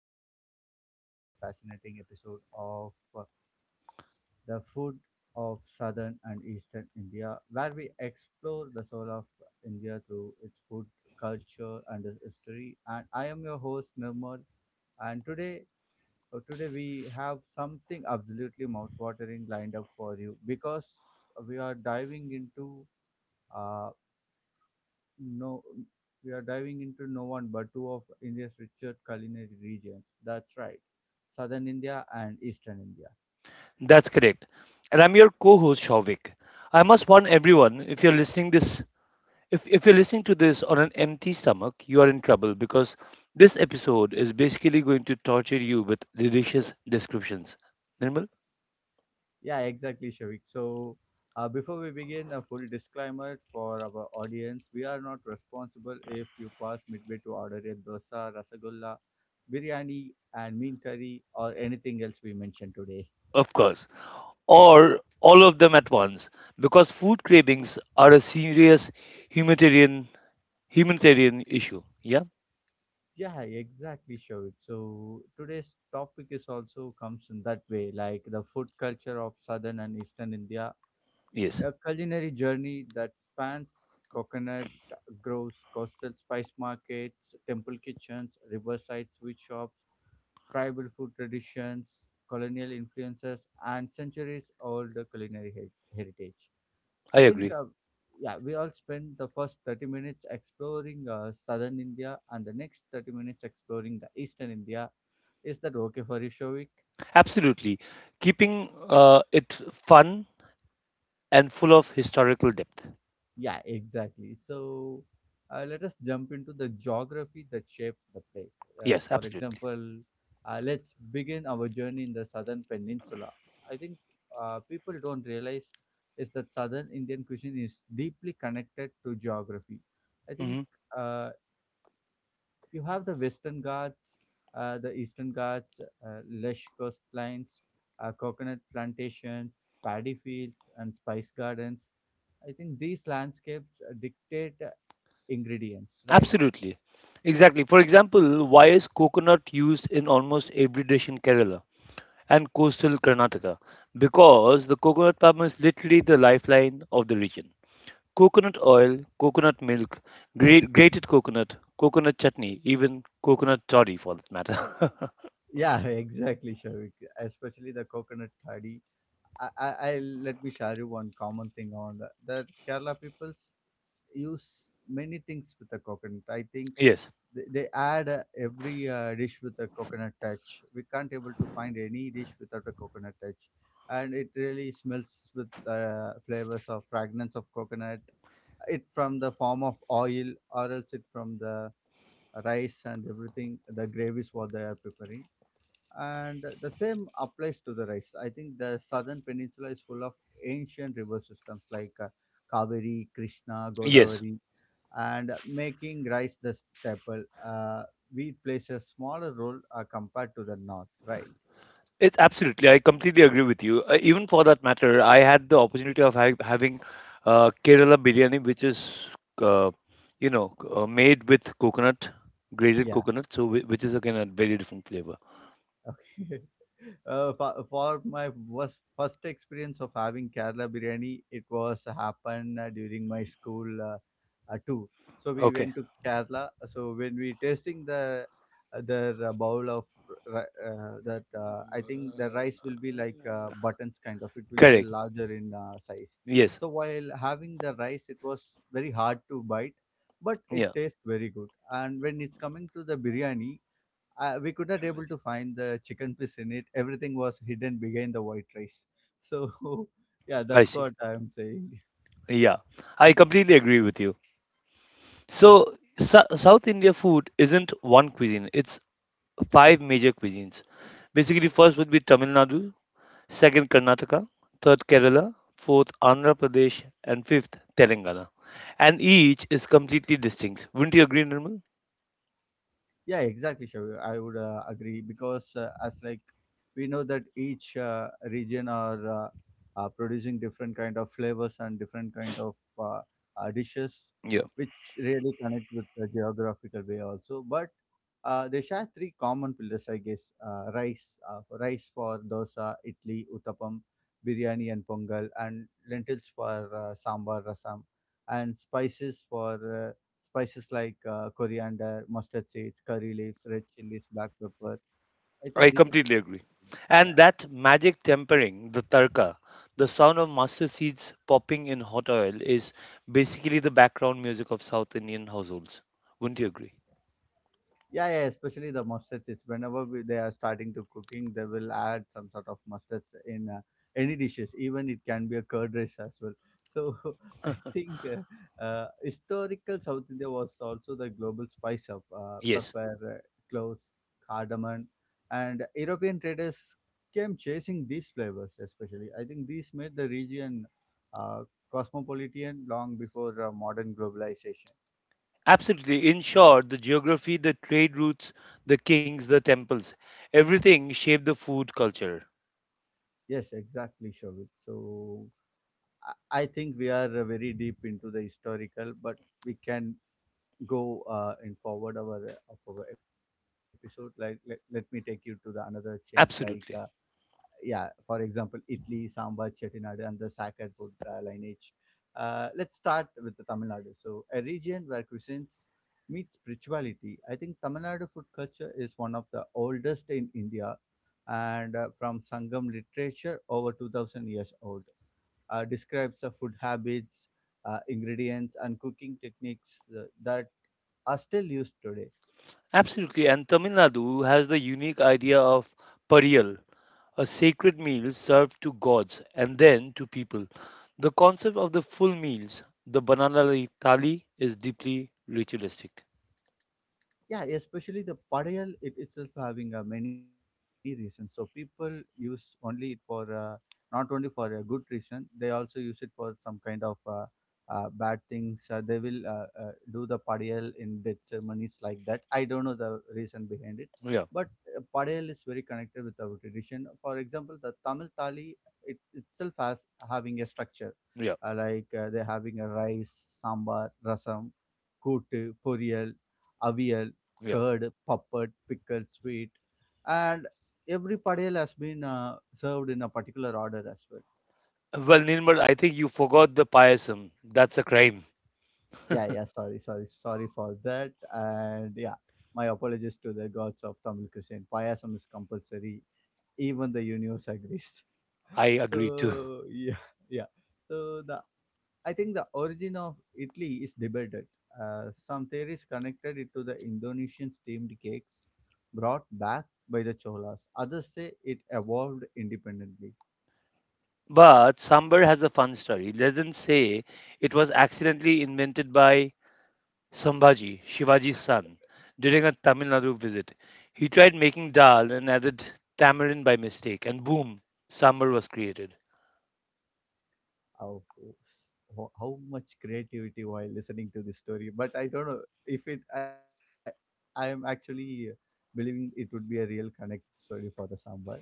welcome back to another fascinating episode of The Food of Southern and Eastern India, where we explore the soul of India through its food, culture, and its history. And I am your host, Nirmal. And today, today we have something absolutely mouth-watering lined up for you because we are diving into uh, no we are diving into no one but two of India's richest culinary regions. That's right. Southern India and Eastern India. That's correct. And I'm your co-host Shovik. I must warn everyone if you're listening this if you're listening to this on an empty stomach, you are in trouble because this episode is basically going to torture you with delicious descriptions. Nirmal? Yeah, exactly, Shavik. So before we begin, a full disclaimer for our audience. We are not responsible if you pass midway to order a dosa, rasagulla, biryani, and mean curry or anything else we mentioned today. Of course. Or all of them at once. Because food cravings are a serious humanitarian humanitarian issue. Yeah? Yeah, exactly, Shovik. So today's topic is also comes in that way, like the food culture of southern and eastern India, Yes. a culinary journey that spans coconut groves, coastal spice markets, temple kitchens, riverside sweet shops, tribal food traditions, colonial influences, and centuries old culinary heritage. I I think, agree. Yeah, we all spent the first 30 minutes exploring southern India and the next 30 minutes exploring the eastern India. Is that okay for you, Shovik? Absolutely. Keeping it fun and full of historical depth. Yeah, exactly. So let us jump into the geography that shapes the plate. Yes, For absolutely. example, let's begin our journey in the southern peninsula. I think people don't realize is that southern Indian cuisine is deeply connected to geography. I think Hmm uh, you have the western Ghats, the eastern Ghats, lush coastlines, coconut plantations, paddy fields, and spice gardens. I think these landscapes dictate ingredients, right? Absolutely. Exactly. For example, why is coconut used in almost every dish in Kerala and coastal Karnataka? Because the coconut palm is literally the lifeline of the region. Coconut oil, coconut milk, grated coconut, coconut chutney, even coconut toddy for that matter. Yeah, exactly, Shavik. Especially the coconut toddy. I let me share you one common thing on that, that Kerala people use many things with the coconut. I think Yes, they add every dish with a coconut touch. We can't able to find any dish without a coconut touch, and it really smells with flavors of fragrance of coconut. It from the form of oil, or else it from the rice and everything the gravies what they are preparing, and the same applies to the rice. I think the southern peninsula is full of ancient river systems like Kaveri, Krishna, yes. Godavari, and making rice the staple. Wheat plays a smaller role compared to the north, right? It's absolutely. I completely agree with you. Even for that matter, I had the opportunity of having Kerala biryani, which is, uh, made with coconut, grated Yeah. coconut, so which is again a very different flavor. Okay. For my was first experience of having Kerala biryani, it was happened during my school tour. So we Okay, went to Kerala. So when we tasting the bowl of I think the rice will be like buttons kind of. It will be a correct. larger in size. Yes. So while having the rice, it was very hard to bite, but it Yeah, tastes very good. And when it's coming to the biryani, we could not able to find the chicken piece in it. Everything was hidden behind the white rice, so yeah, I that's see. what I'm saying. Yeah, I completely agree with you. So, South India food isn't one cuisine; it's five major cuisines. Basically, first would be Tamil Nadu, second Karnataka, third Kerala, fourth Andhra Pradesh, and fifth Telangana. And each is completely distinct. Wouldn't you agree, Nirmal? Yeah, exactly, Shavi. I would agree because as like we know that each region are producing different kind of flavors and different kind of dishes, Yeah, which really connect with the geographical way also. But they share three common pillars, I guess: rice for dosa, idli, uttapam, biryani, and pongal, and lentils for sambar, rasam, and spices for spices like coriander, mustard seeds, curry leaves, red chilies, black pepper. I I think these are completely agree. common flavors. And Yeah. that magic tempering, the tarka, the sound of mustard seeds popping in hot oil is basically the background music of South Indian households. Wouldn't you agree? Yeah, yeah, especially the mustard. It's whenever they are starting to cooking, they will add some sort of mustards in any dishes. Even it can be a curd rice as well. So I think historical South India was also the global spice of Yes, pepper, cloves, cardamom, and European traders came chasing these flavors. Especially, I think these made the region uh, cosmopolitan long before modern globalization. absolutely. In short, the geography, the trade routes, the kings, the temples, everything shaped the food culture. Yes, exactly, Shovik. So I I think we are very deep into the historical, but we can go in forward our of our episode. Like let me take you to the another change. Like Absolutely. yeah, for example, Italy, Sambar, Chettinad, and the sacred food lineage. Let's start with the Tamil Nadu. So a region where cuisines meet spirituality. I think Tamil Nadu food culture is one of the oldest in India, and from Sangam literature over 2000 years old describes the food habits, ingredients, and cooking techniques that are still used today. Absolutely, and Tamil Nadu has the unique idea of pariyal, a sacred meal served to gods and then to people. The concept of the full meals, the banana leaf thali, is deeply ritualistic. Yeah, especially the padayal. It itself having many reasons. So people use only it for not only for a good reason, they also use it for some kind of bad things. They will do the padayal in death ceremonies like that. I don't know the reason behind it, Yeah, but padayal is very connected with our tradition. For example, the tamil thali, it itself has having a structure, yeah, like they're having a rice, sambar, rasam, kootu, poriyal, avial, yeah. curd, puppet, pickled sweet, and every padel has been served in a particular order as well. Well, Nirmal, I think you forgot the payasam. That's a crime. Yeah, yeah. Sorry, sorry, sorry for that. And yeah, my apologies to the gods of Tamil cuisine. Payasam is compulsory. Even the universe agrees. I agree too. So yeah, yeah. So the I think the origin of Italy is debated. Some theories connected it to the Indonesian steamed cakes brought back by the Cholas. Others say it evolved independently. But Sambar has a fun story. Legends say it was accidentally invented by Sambhaji, Shivaji's son, during a Tamil Nadu visit. He tried making dal and added tamarind by mistake, and boom, sambar was created. How, how much creativity while listening to this story, but I don't know if it. I am actually believing it would be a real connect story for the sambar.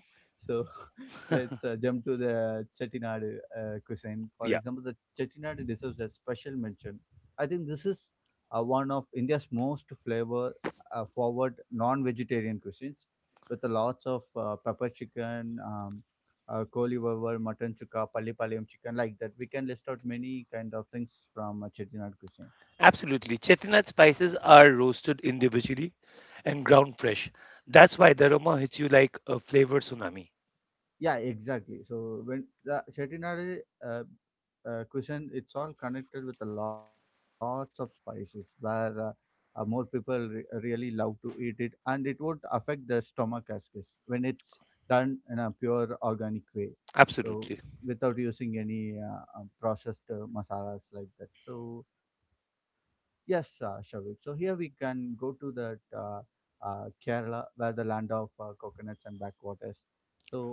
So let's jump to the Chettinad cuisine. For Yeah, example, the Chettinad deserves a special mention. I think this is one of India's most flavor forward non-vegetarian cuisines with a lots of pepper chicken, koli vavar, mutton chukka, palli palayam chicken like that. We can list out many kind of things from Chettinad cuisine. absolutely. Chettinad spices are roasted individually and ground fresh. That's why the aroma hits you like a flavor tsunami. Yeah, exactly. So when the Chettinad uh, cuisine, it's all connected with lots of spices where more people really love to eat it, and it would affect the stomach as is when it's done in a pure organic way. So Absolutely. without using any processed masalas like that. So yes, Shavik. So here we can go to that Kerala, where the land of coconuts and backwaters. So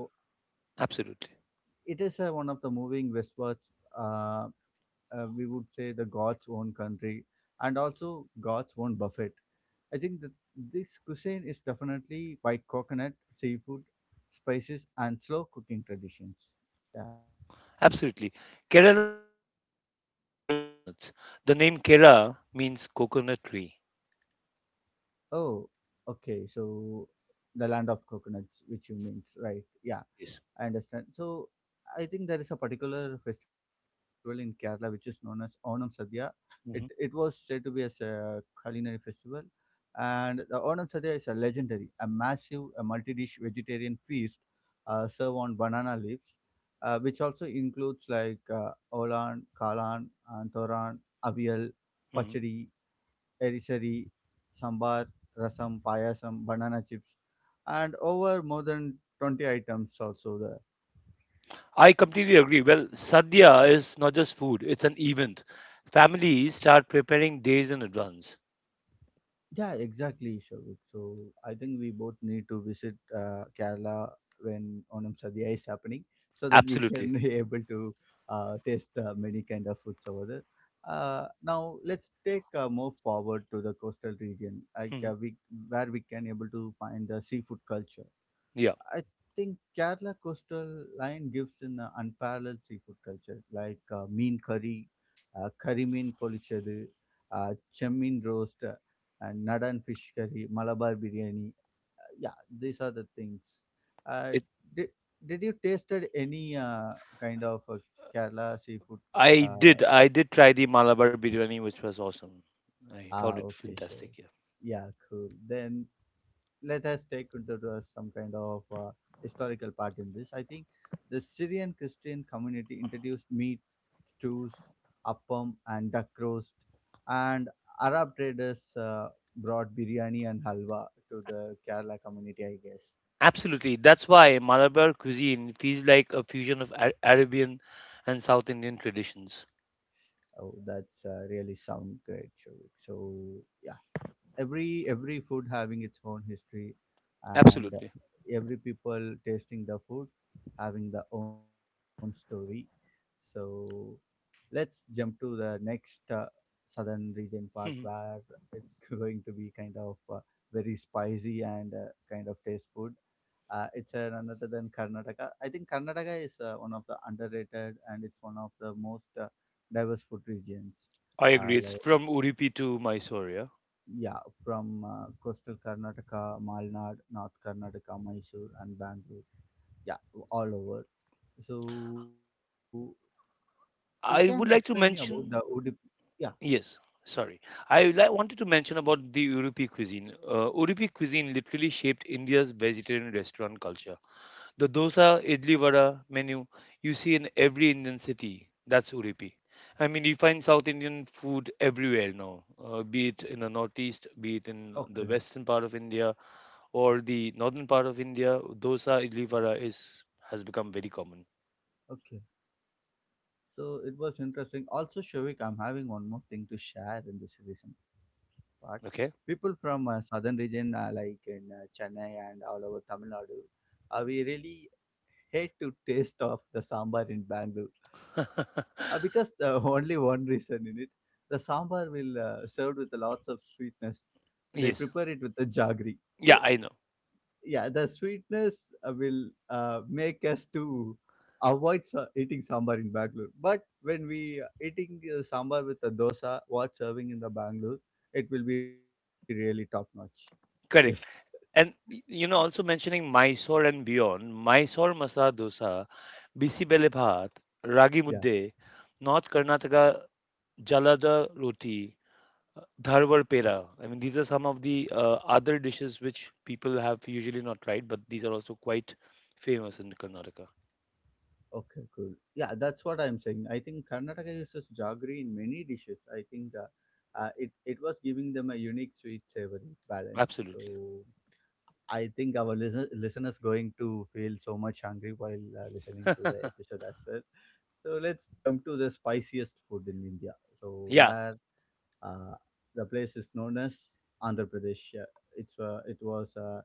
Absolutely. it is one of the moving westwards, uh, we would say the god's own country and also god's own buffet. I think that this cuisine is definitely white coconut, seafood, spices, and slow cooking traditions. Yeah. Absolutely. Kerala literally means land of coconuts. The name Kera means coconut tree. Oh, okay. So the land of coconuts, which you means, right? Yeah, Yes. I understand. So I think there is a particular festival in Kerala which is known as Onam Sadhya. It was Mhm. said to be as a culinary festival, and the Onam Sadhya is a legendary, a massive, a multi-dish vegetarian feast served on banana leaves, which also includes like olan, kalan, and thoran, avial, Mhm. pachadi, erisari, sambar, rasam, payasam, banana chips, and over more than 20 items also there. I completely agree. Well, sadhya is not just food, it's an event. Families start preparing days in advance. Yeah, exactly, Shavik. So I think we both need to visit Kerala when Onam Sadhya is happening, so that we Absolutely. can be able to taste many kind of foods over there. Now let's take more forward to the coastal region, like Hmm. Where we can able to find the seafood culture. Yeah. I think Kerala coastal line gives an unparalleled seafood culture, like mean curry, curry mean polichadu, chammin roast, and nadan fish curry, Malabar biryani. Yeah, these are the things. Uh, It, did, did you tasted any kind of Kerala seafood? I Uh, did. I did try the Malabar biryani, which was awesome. I found ah, it okay, fantastic. sure. Yeah. Yeah, cool. Then let us take into the- some kind of historical part in this. I think the Syrian Christian community introduced meats, stews, appam, and duck roast, and Arab traders brought biryani and halwa to the Kerala community, I guess. Absolutely. That's why Malabar cuisine feels like a fusion of Arabian and South Indian traditions. Oh, that's really sound great, Shavik. So yeah, every food having its own history, and Absolutely. every people tasting the food having their own story. So let's jump to the next southern region part where Mhm. it's going to be kind of very spicy and kind of taste food. It's another than Karnataka. I think Karnataka is one of the underrated and it's one of the most diverse food regions. I agree. It's Like, from Udupi to Mysore. Yeah. yeah, from coastal Karnataka, Malnad, North Karnataka, Mysore, and Bangalore. Yeah, all over. So you can explain I me would like about to the Udupi. mention Yeah. yes, sorry. I wanted to mention about the Udupi cuisine. Udupi cuisine literally shaped India's vegetarian restaurant culture. The Okay. dosa, idli vada menu you see in every Indian city, that's Udupi. I mean, you find South Indian food everywhere now, be it in the northeast, be it in the Okay. western part of India or the northern part of India. Dosa, idli vada is has become very common. Okay, so it was interesting. Also, Shovik, I'm having one more thing to share in this recent part. Okay. People from southern region, like in Chennai and all over Tamil Nadu, we really hate to taste of the sambar in Bangalore because the only one reason in it, the sambar will served with lots of sweetness. They Yes. prepare it with the jaggery. Yeah, I So know. yeah, the sweetness will make us to avoid eating sambar in Bangalore. But when we eating sambar with the dosa what serving in the Bangalore, it will be really top notch. Yes. Correct. And you know, also mentioning Mysore and beyond, Mysore masala dosa, bisibele bhat, ragi Yeah, mudde, North Karnataka jalada roti, dharwar pera. I mean, these are some of the other dishes which people have usually not tried, but these are also quite famous in Karnataka. okay, cool, yeah, that's what I'm saying. I think Karnataka uses jaggery in many dishes. I think it was giving them a unique sweet savory balance, Absolutely. so I think our listeners going to feel so much hungry while listening to the episode as well. So let's jump to the spiciest food in India. So Yeah, where uh, the place is known as Andhra Pradesh. It's it was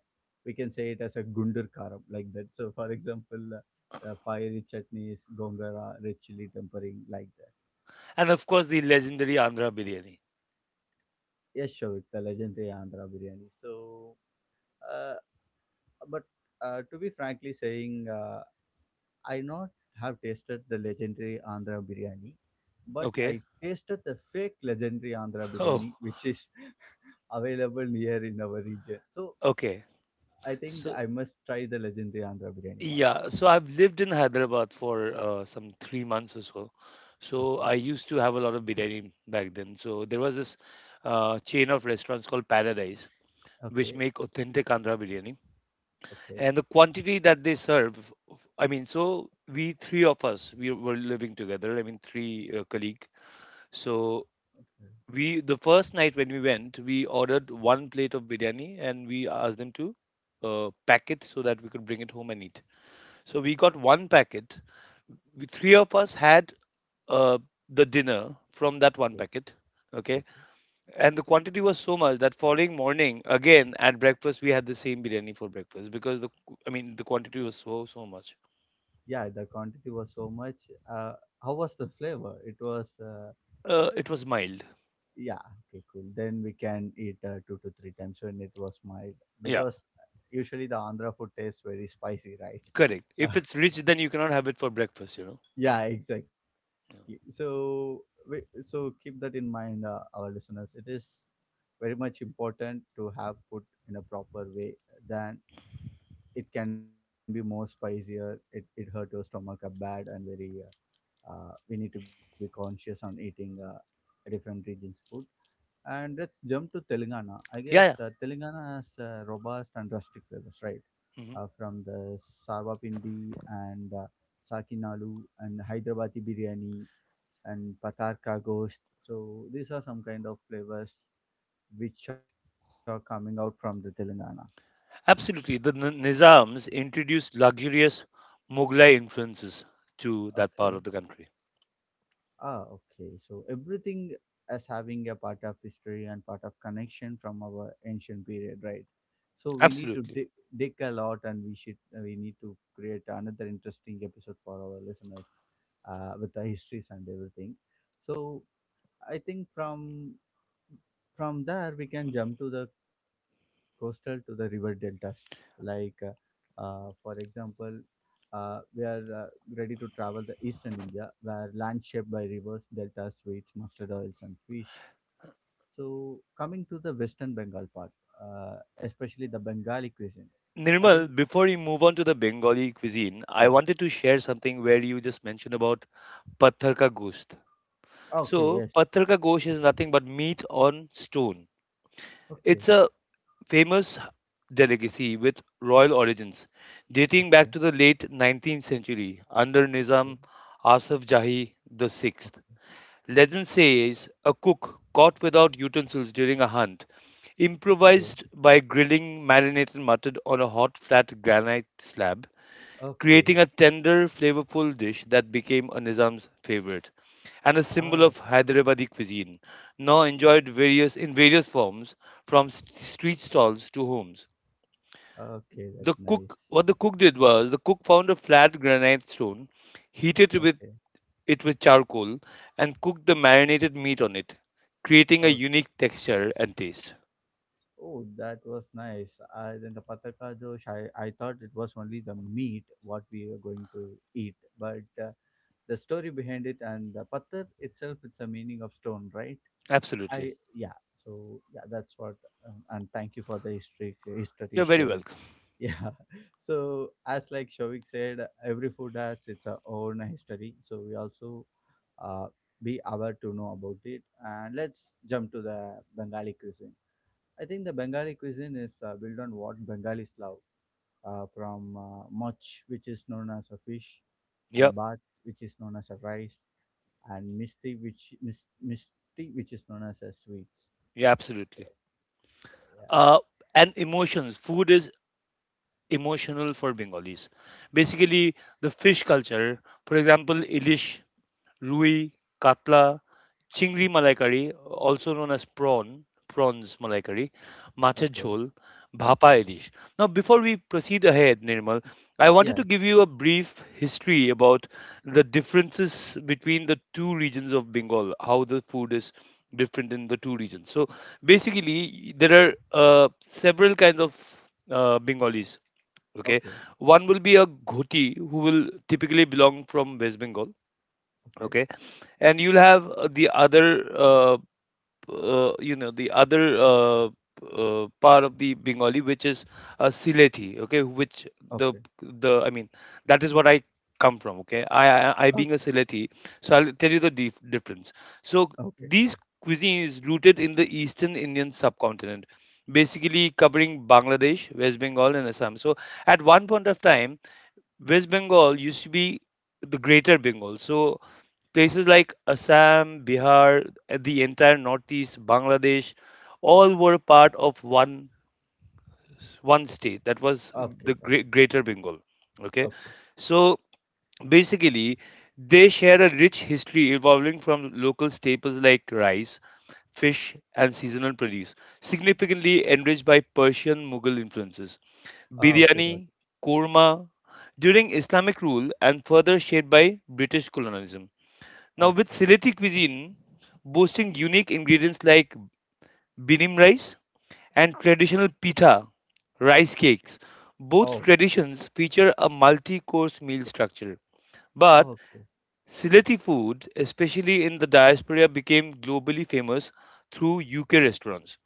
we can say it as a gundur karam like that. So for example, fiery chutneys, gongara, red chili tempering like that. and of course the legendary Andhra biryani. Yes, sure, the legendary Andhra biryani. So, uh, but to be frankly saying, I not have tasted the legendary Andhra biryani, but I Okay. tasted the fake legendary Andhra Oh, biryani, which is available near in our region. So okay. I think So I must try the legendary Andhra biryani once. yeah, so I've lived in Hyderabad for some 3 months or so. So I Okay, used to have a lot of biryani back then. So there was this chain of restaurants called Paradise, which okay, make authentic Andhra biryani. okay, And the quantity that they serve, I mean, so we three of us, we were living together. I mean, three colleague. So we, the first night when we went, we ordered one plate of biryani and we asked them to pack it so that we could bring it home and eat. So okay, we okay, got one packet we, three of us had uh, the dinner from that one okay, packet. Okay. okay. And the quantity was so much that following morning, again at breakfast, we had the same biryani for breakfast because I mean, the quantity was so, so much. Yeah, the quantity was so much. Uh, how was the flavor? It was. It was mild. yeah, okay, cool, then we can eat 2 to 3 times when it was mild Yeah. because usually the Andhra food tastes very spicy, right? Correct. If it's rich, then you cannot have it for breakfast, you know. Yeah, exactly, Yeah. so so keep that in mind, our listeners, it is very much important to have food in a proper way. Then it can be more spicier, it hurt your stomach up bad. And very we need to be conscious on eating different regions food. And let's jump to Telangana. I guess the Yeah, Telangana has robust and rustic flavors, right? yeah. Mhm. From the Sarvapindi and Sakinalu and Hyderabadi biryani and Patarka ghost. So these are some kind of flavors which are coming out from the Telangana. Absolutely. The Nizams introduced luxurious Mughlai influences to that Okay. part of the country. Ah, okay. So everything as having a part of history and part of connection from our ancient period, right? So we need to Absolutely. dig, dig a lot, and we should we need to create another interesting episode for our listeners with the histories and everything. So I think from there we can jump to the coastal to the river deltas, like for example. We are ready to travel the eastern India, where land shaped by rivers, deltas, sweets, mustard oils, and fish. So, coming to the western Bengal part, especially the Bengali cuisine. I think, Nirmal, before you move on to the Bengali cuisine, I yeah. wanted to share something where you just mentioned about Pathar ka Gosht. Okay, So, yes. Pathar ka Gosht is nothing but meat on stone. It's Okay, a famous delicacy with royal origins, dating back okay, to the late 19th century under okay, Nizam Asif Jahi the Sixth. okay, Legend says a cook caught without utensils during a hunt okay, improvised by grilling marinated mutton on a hot flat granite slab okay. creating a tender, flavorful dish that became a Nizam's favorite and a symbol Ah, of Hyderabadi cuisine, now enjoyed various in various forms from street stalls to homes. okay, that's The cook, nice. what the cook did was, the cook found a flat granite stone, heated with Okay. it with charcoal, and cooked the marinated meat on it, creating a Oh, unique texture and taste. oh, that was nice. Then the pataka dosh, I thought it was only the meat what we are going to eat, but the story behind it and the patar itself, it's a meaning of stone, right? I Absolutely, Yeah, so yeah, that's what. And thank you for the history you're very showing. welcome. Yeah, so as like Shovik said, every food has its own history, so we also uh, be aware to know about it. And let's jump to the Bengali cuisine. I think the Bengali cuisine is built on what Bengalis love, from moch which is known as a fish, Yeah, and bath which is known as a rice, and misty which misty which is known as a sweets. yeah, absolutely. Yeah, Uh, and emotions. Food is emotional for Bengalis. Basically, the fish culture, for example, ilish, rui, katla, chingri malai curry, also known as prawn, prawns malai curry, matcha okay, jhol, bhapa okay, ilish. Now, before we proceed ahead, Nirmal, I yeah, wanted to give you a brief history about the differences between the two regions of Bengal, how the food is different in the two regions. So basically, there are several kind of Bengalis. Okay, okay, one will be a ghoti who will typically belong from West Bengal, okay, okay, and you'll have the other uh, you know the other part of the Bengali, which is Silethi. Okay, which the okay, the I mean that is what I come from. Okay, I, being a okay, Silethi, so I'll tell you the difference. So okay, these cuisines rooted in the Eastern Indian subcontinent. Basically, covering Bangladesh, West Bengal, and Assam. So, at one point of time, West Bengal used to be the Greater Bengal. So, places like Assam, Bihar, the entire Northeast, Bangladesh, all were part of one state. That was okay, the got it, Greater Bengal. Okay, okay. so basically, they share a rich history evolving from local staples like rice, fish, and seasonal produce, significantly enriched by Persian Mughal influences. Ah, okay, got it, Biryani, korma, during Islamic rule, and further shaped by British colonialism. Now, with okay. Sylheti cuisine boasting unique ingredients like binim rice and traditional pita, rice cakes, both Oh, traditions feature a multi course meal structure. But okay, Silati food, especially in the diaspora, became globally famous through UK restaurants,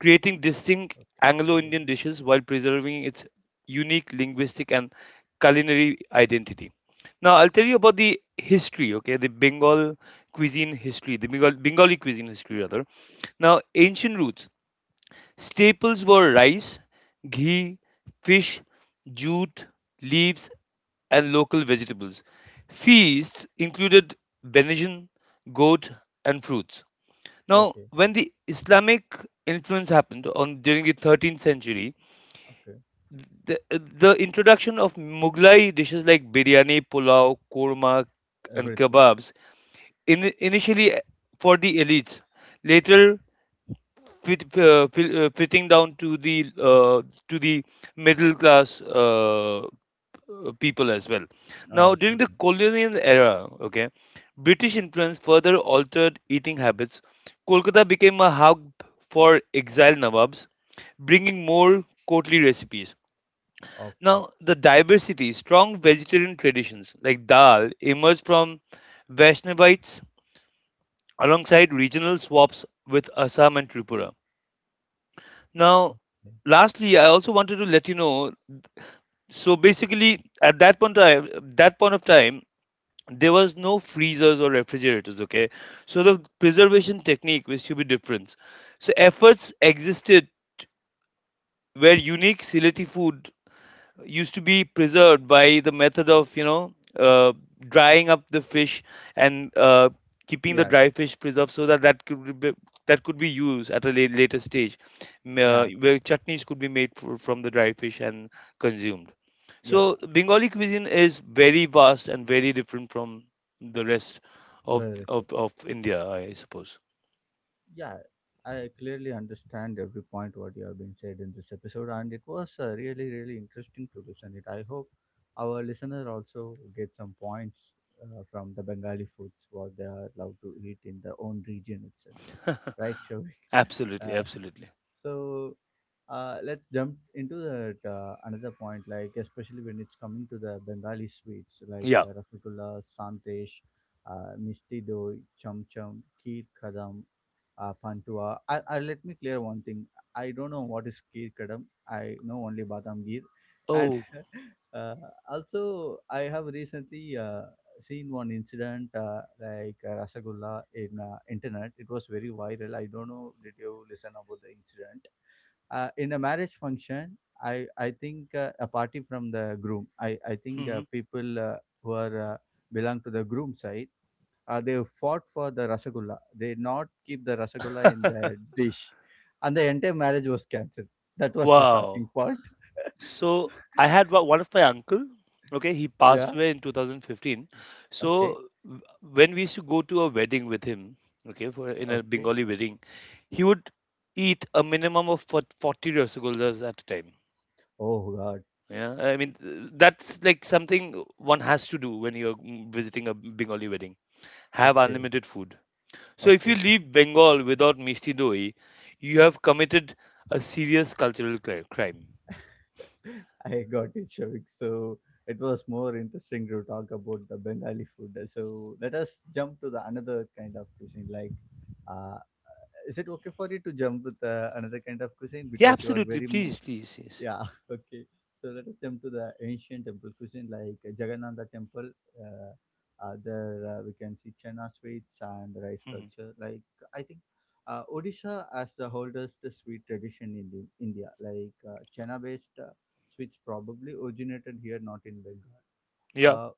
creating okay, distinct Anglo Indian dishes while preserving its unique linguistic and culinary identity. Now, I'll tell you about the history, okay, the Bengal, Bengali cuisine history, rather. Now, ancient roots. Staples were rice, ghee, fish, jute, leaves, and local vegetables. Feasts included venison, goat, and fruits. Now, okay, when the Islamic influence happened on during the 13th century, okay, the introduction of Mughlai dishes like biryani, pulao, korma, and everything. kebabs initially for the elites. Later, fitting down to the middle class people as well. Ah, Now, okay, during the okay, colonial era, okay, British influence further altered eating habits. Kolkata became a hub for exiled Nawabs, bringing more courtly recipes. okay, Now, the diversity, strong vegetarian traditions like dal emerged from Vaishnavites alongside regional swaps with Assam and Tripura. Now, okay. lastly, I also wanted to let you know. So basically, at that point of time, there was no freezers or refrigerators. Okay, so the preservation technique was to be different. So efforts existed where unique sility food used to be preserved by the method of, you know, drying up the fish and keeping the Yeah, dry fish preserved so that that could be used at a later stage yeah, where chutneys could be made from the dry fish and consumed. So yeah, Bengali cuisine is very vast and very different from the rest right, of right, of, right, of India, I suppose. yeah. I clearly understand every point what you have been said in this episode, and it was really really interesting to listen it. I hope our listener also get some points from the Bengali foods what they are allowed to eat in their own region itself, right, Shavik? Absolutely, uh, absolutely. so let's jump into that another point, like especially when it's coming to the Bengali sweets like Yeah. Rasgulla, sandesh, misti doi, cham cham, kheer kadam, Pantua. I let me clear one thing. I don't know what is Kir Kadam. I know only Badam Gir, and Oh. uh, also I have recently seen one incident like Rasagulla in internet. It was very viral. I don't know. Did you listen about the incident? In a marriage function, I think a party from the groom, I think Mhm. people who are belong to the groom side, they fought for the rasagulla. They did not keep the rasagulla in the dish, and the entire marriage was cancelled. That was the Wow. shocking part. So I had one of my uncle. Okay, he Yeah. passed away in 2015. So Okay. When we used to go to a wedding with him, okay, for in a Okay. Bengali wedding, he would eat a minimum of 40 rasgullas at a time. Oh God. Yeah, I mean that's like something one has to do when you're mm, visiting a Bengali wedding. Have Okay. unlimited food. So if you Okay. leave Bengal without mishti doi, you have committed a serious cultural crime. I got it, Shavik. So it was more interesting to talk about the Bengali food. So let us jump to the another kind of cuisine. Like, uh, is it okay for you to jump with another kind of cuisine Yeah, because you are absolutely. very much. Please, please, yes. Yeah, okay. So let us jump to the ancient temple cuisine like Jagannatha temple. Uh, there we can see chana sweets and rice Mm-hmm. culture. Like I think Odisha as the oldest sweet tradition in the India. Like chana-based sweets probably originated here, not in Bengal. Yeah, Uh,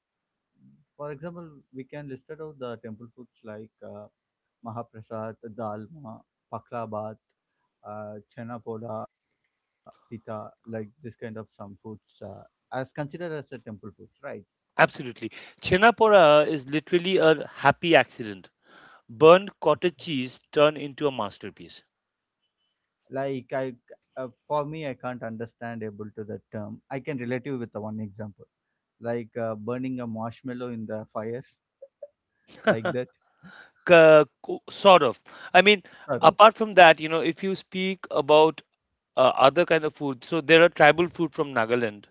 for example, we can list out the temple foods like Mahaprasad, dalma, baklava, chana poda, pita, like this kind of some foods as considered as a temple foods, right? absolutely. Chhena pora is literally a happy accident. Burned cottage cheese turned into a masterpiece. Like for me, I can't understand able to that term. I can relate you with the one example, like burning a marshmallow in the fire, like that. Sort of. I mean, Sort of. apart from that, you know, if you speak about other kind of food, so there are tribal food from Nagaland,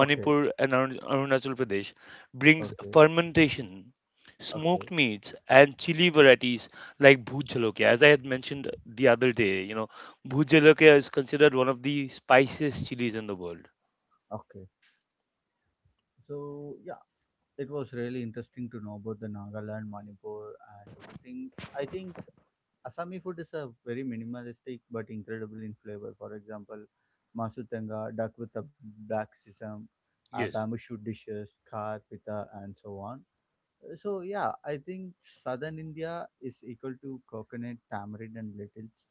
Okay, and Arunachal Pradesh brings okay, fermentation, smoked okay, meats, and chili varieties like bhoot jalokia. As I had mentioned the other day, you know, bhoot jalokia is considered one of the spiciest chilies in the world. okay. So yeah, it was really interesting to know about the Nagaland, Manipur, and everything. I think Assami food is a very minimalistic but incredible in flavor. For example, masutanga, duck with a black sesame, Yes. bamboo shoot dishes, kar, pita, and so on. So yeah, I think southern India is equal to coconut, tamarind, and lentils.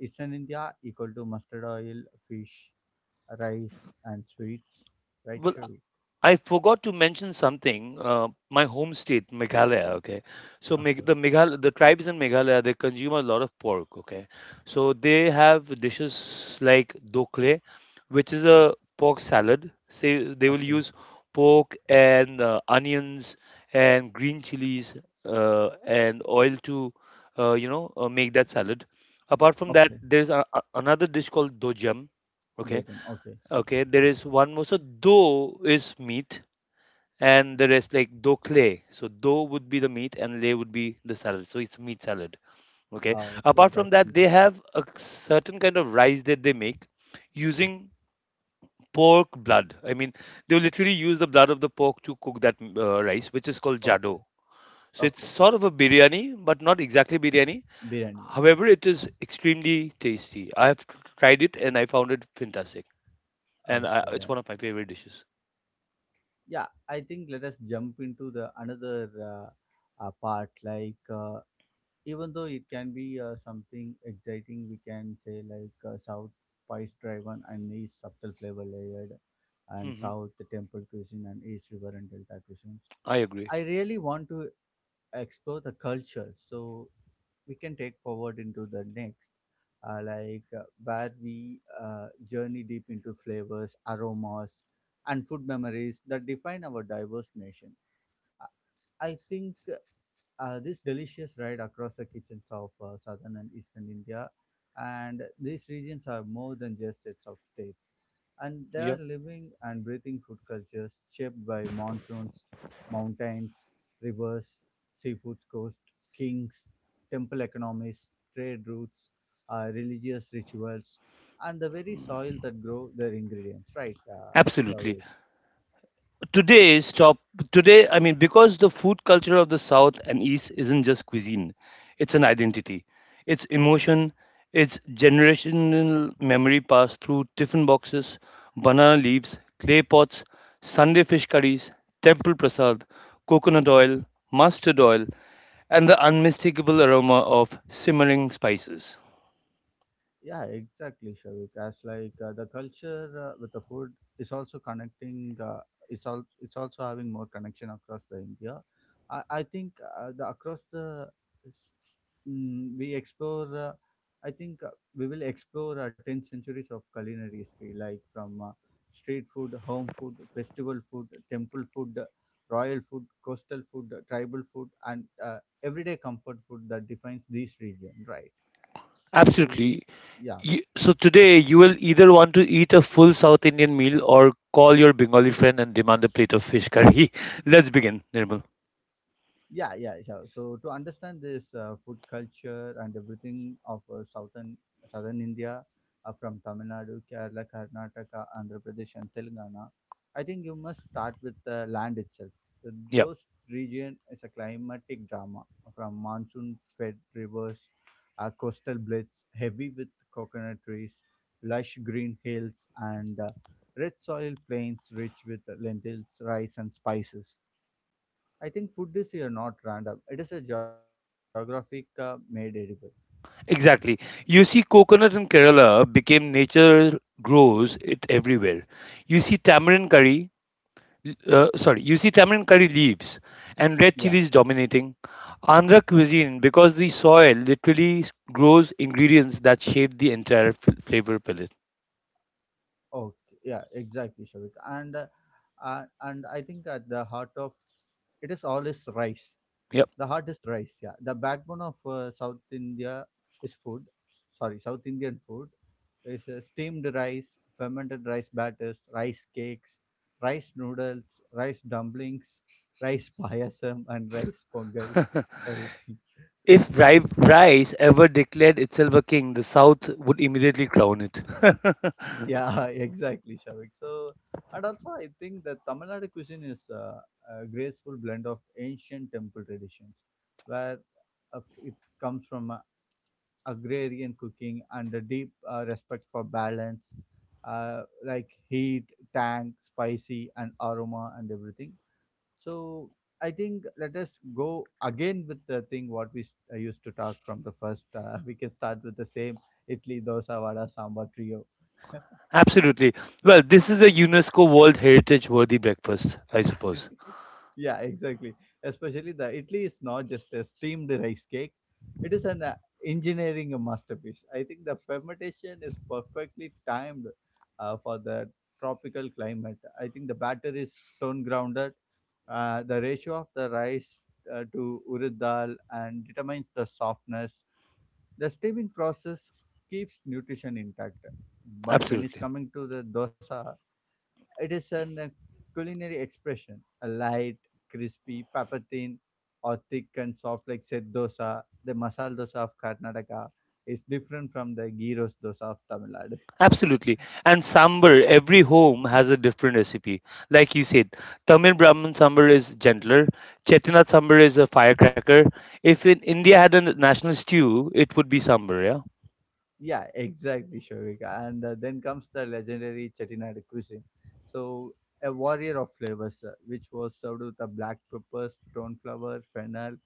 Eastern India equal to mustard oil, fish, rice, and sweets. Right, Well, Shavik? I forgot to mention something. My home state, Meghalaya. Okay, so Meg- Okay, the Meghal the tribes in Meghalaya they consume a lot of pork. Okay, so they have dishes like dokle, which is a pork salad. Say they will okay, use pork and onions and green chilies and oil to you know make that salad. Apart from that, okay. there's another dish called dojam. Okay? Dojum. Okay. Okay, there is one more. So do is meat, and the rest like do clay. So do would be the meat, and lay would be the salad. So it's meat salad. Okay. Ah, okay, Apart from that's that, they interesting. have a certain kind of rice that they make using pork blood. I mean, they literally use the blood of the pork to cook that rice, which is called jado. Okay, So it's okay. sort of a biryani, but not exactly biryani. Biryani. Okay, However, it is extremely tasty. I have tried it and I found it fantastic, and okay. it's Then. one of my favorite dishes. Yeah, I think let us jump into the another part. Like even though it can be something exciting, we can say like South spice driven and East subtle flavor layered, and Mm-hmm. South the temple cuisine and East river and delta cuisines. I agree. I really want to explore the culture, so we can take forward into the next like where we journey deep into flavors, aromas, and food memories that define our diverse nation. I think this delicious ride across the kitchens of southern and eastern India. And these regions are more than just sets of states. And they Yeah, are living and breathing food cultures shaped by monsoons, mountains, rivers, seafood coast, kings, temple economies, trade routes, religious rituals, and the very soil that grow their ingredients, right, absolutely. Shaurya? Today, stop. I mean, because the food culture of the South and East isn't just cuisine, it's an identity, it's emotion, it's generational memory passed through tiffin boxes, banana leaves, clay pots, Sunday fish curries, temple prasad, coconut oil, mustard oil, and the unmistakable aroma of simmering spices. Yeah, exactly, Shavik. As like the culture with the food is also connecting. It's all. It's also having more connection across the India. I think the across the s- we explore. I think we will explore 10 centuries of culinary history, like from street food, home food, festival food, temple food, royal food, coastal food, tribal food, and uh, everyday comfort food that defines this region. Right. So Absolutely. yeah. You, so today you will either want to eat a full South Indian meal or call your Bengali friend and demand a plate of fish curry. Let's begin, Nirmal. Yeah, yeah, yeah. So to understand this food culture and everything of southern India, from Tamil Nadu, Kerala, Karnataka, Andhra Pradesh, and Telangana, I think you must start with the land itself. So Yeah, those region is a climatic drama from monsoon-fed rivers, coastal blitz heavy with coconut trees, lush green hills, and red soil plains rich with lentils, rice, and spices. I think food is here not random. It is a geographic made edible. exactly. You see, coconut in Kerala became nature grows it everywhere. You see tamarind curry, you see tamarind curry leaves and red Yeah. chilies dominating Andhra cuisine because the soil literally grows ingredients that shape the entire flavor palette. Okay. Yeah. Exactly, Shavik. And I think at the heart of it is all is rice. Yeah. The heart is rice. Yeah. The backbone of South India is food. Sorry, South Indian food is steamed rice, fermented rice batters, rice cakes, rice noodles, rice dumplings, rice payasam, and rice pongal. Everything. If rice ever declared itself a king, the South would immediately crown it. Yeah, exactly, Shavik. So, and also I think that Tamil Nadu cuisine is a graceful blend of ancient temple traditions, where it comes from agrarian cooking and a deep respect for balance, like heat, tank, spicy, and aroma, and everything. So, I think let us go again with the thing what we used to talk from the first. We can start with the same Italy, dosa, vada, sambar trio. Absolutely. Well, this is a UNESCO World Heritage worthy breakfast, I suppose. Yeah, exactly. Especially the Italy is not just a steamed rice cake, it is an engineering masterpiece. I think the fermentation is perfectly timed for the tropical climate. I think the batter is stone grounded. The ratio of the rice to urad dal and determines the softness. The steaming process keeps nutrition intact. But when it's Absolutely. coming to the dosa, it is an culinary expression, a light, crispy, pepper thin, or thick and soft like set dosa. The masala dosa of Karnataka is different from the gyros dosa of Tamil Nadu. Absolutely. And sambar, every home has a different recipe. Like you said, Tamil Brahmin sambar is gentler, Chettinad sambar is a firecracker. If in India had a national stew, it would be sambar, yeah? Yeah, exactly, Shovika. And then comes the legendary Chettinad cuisine. So, a warrior of flavors, which was served with a black pepper, stone flower, fennel,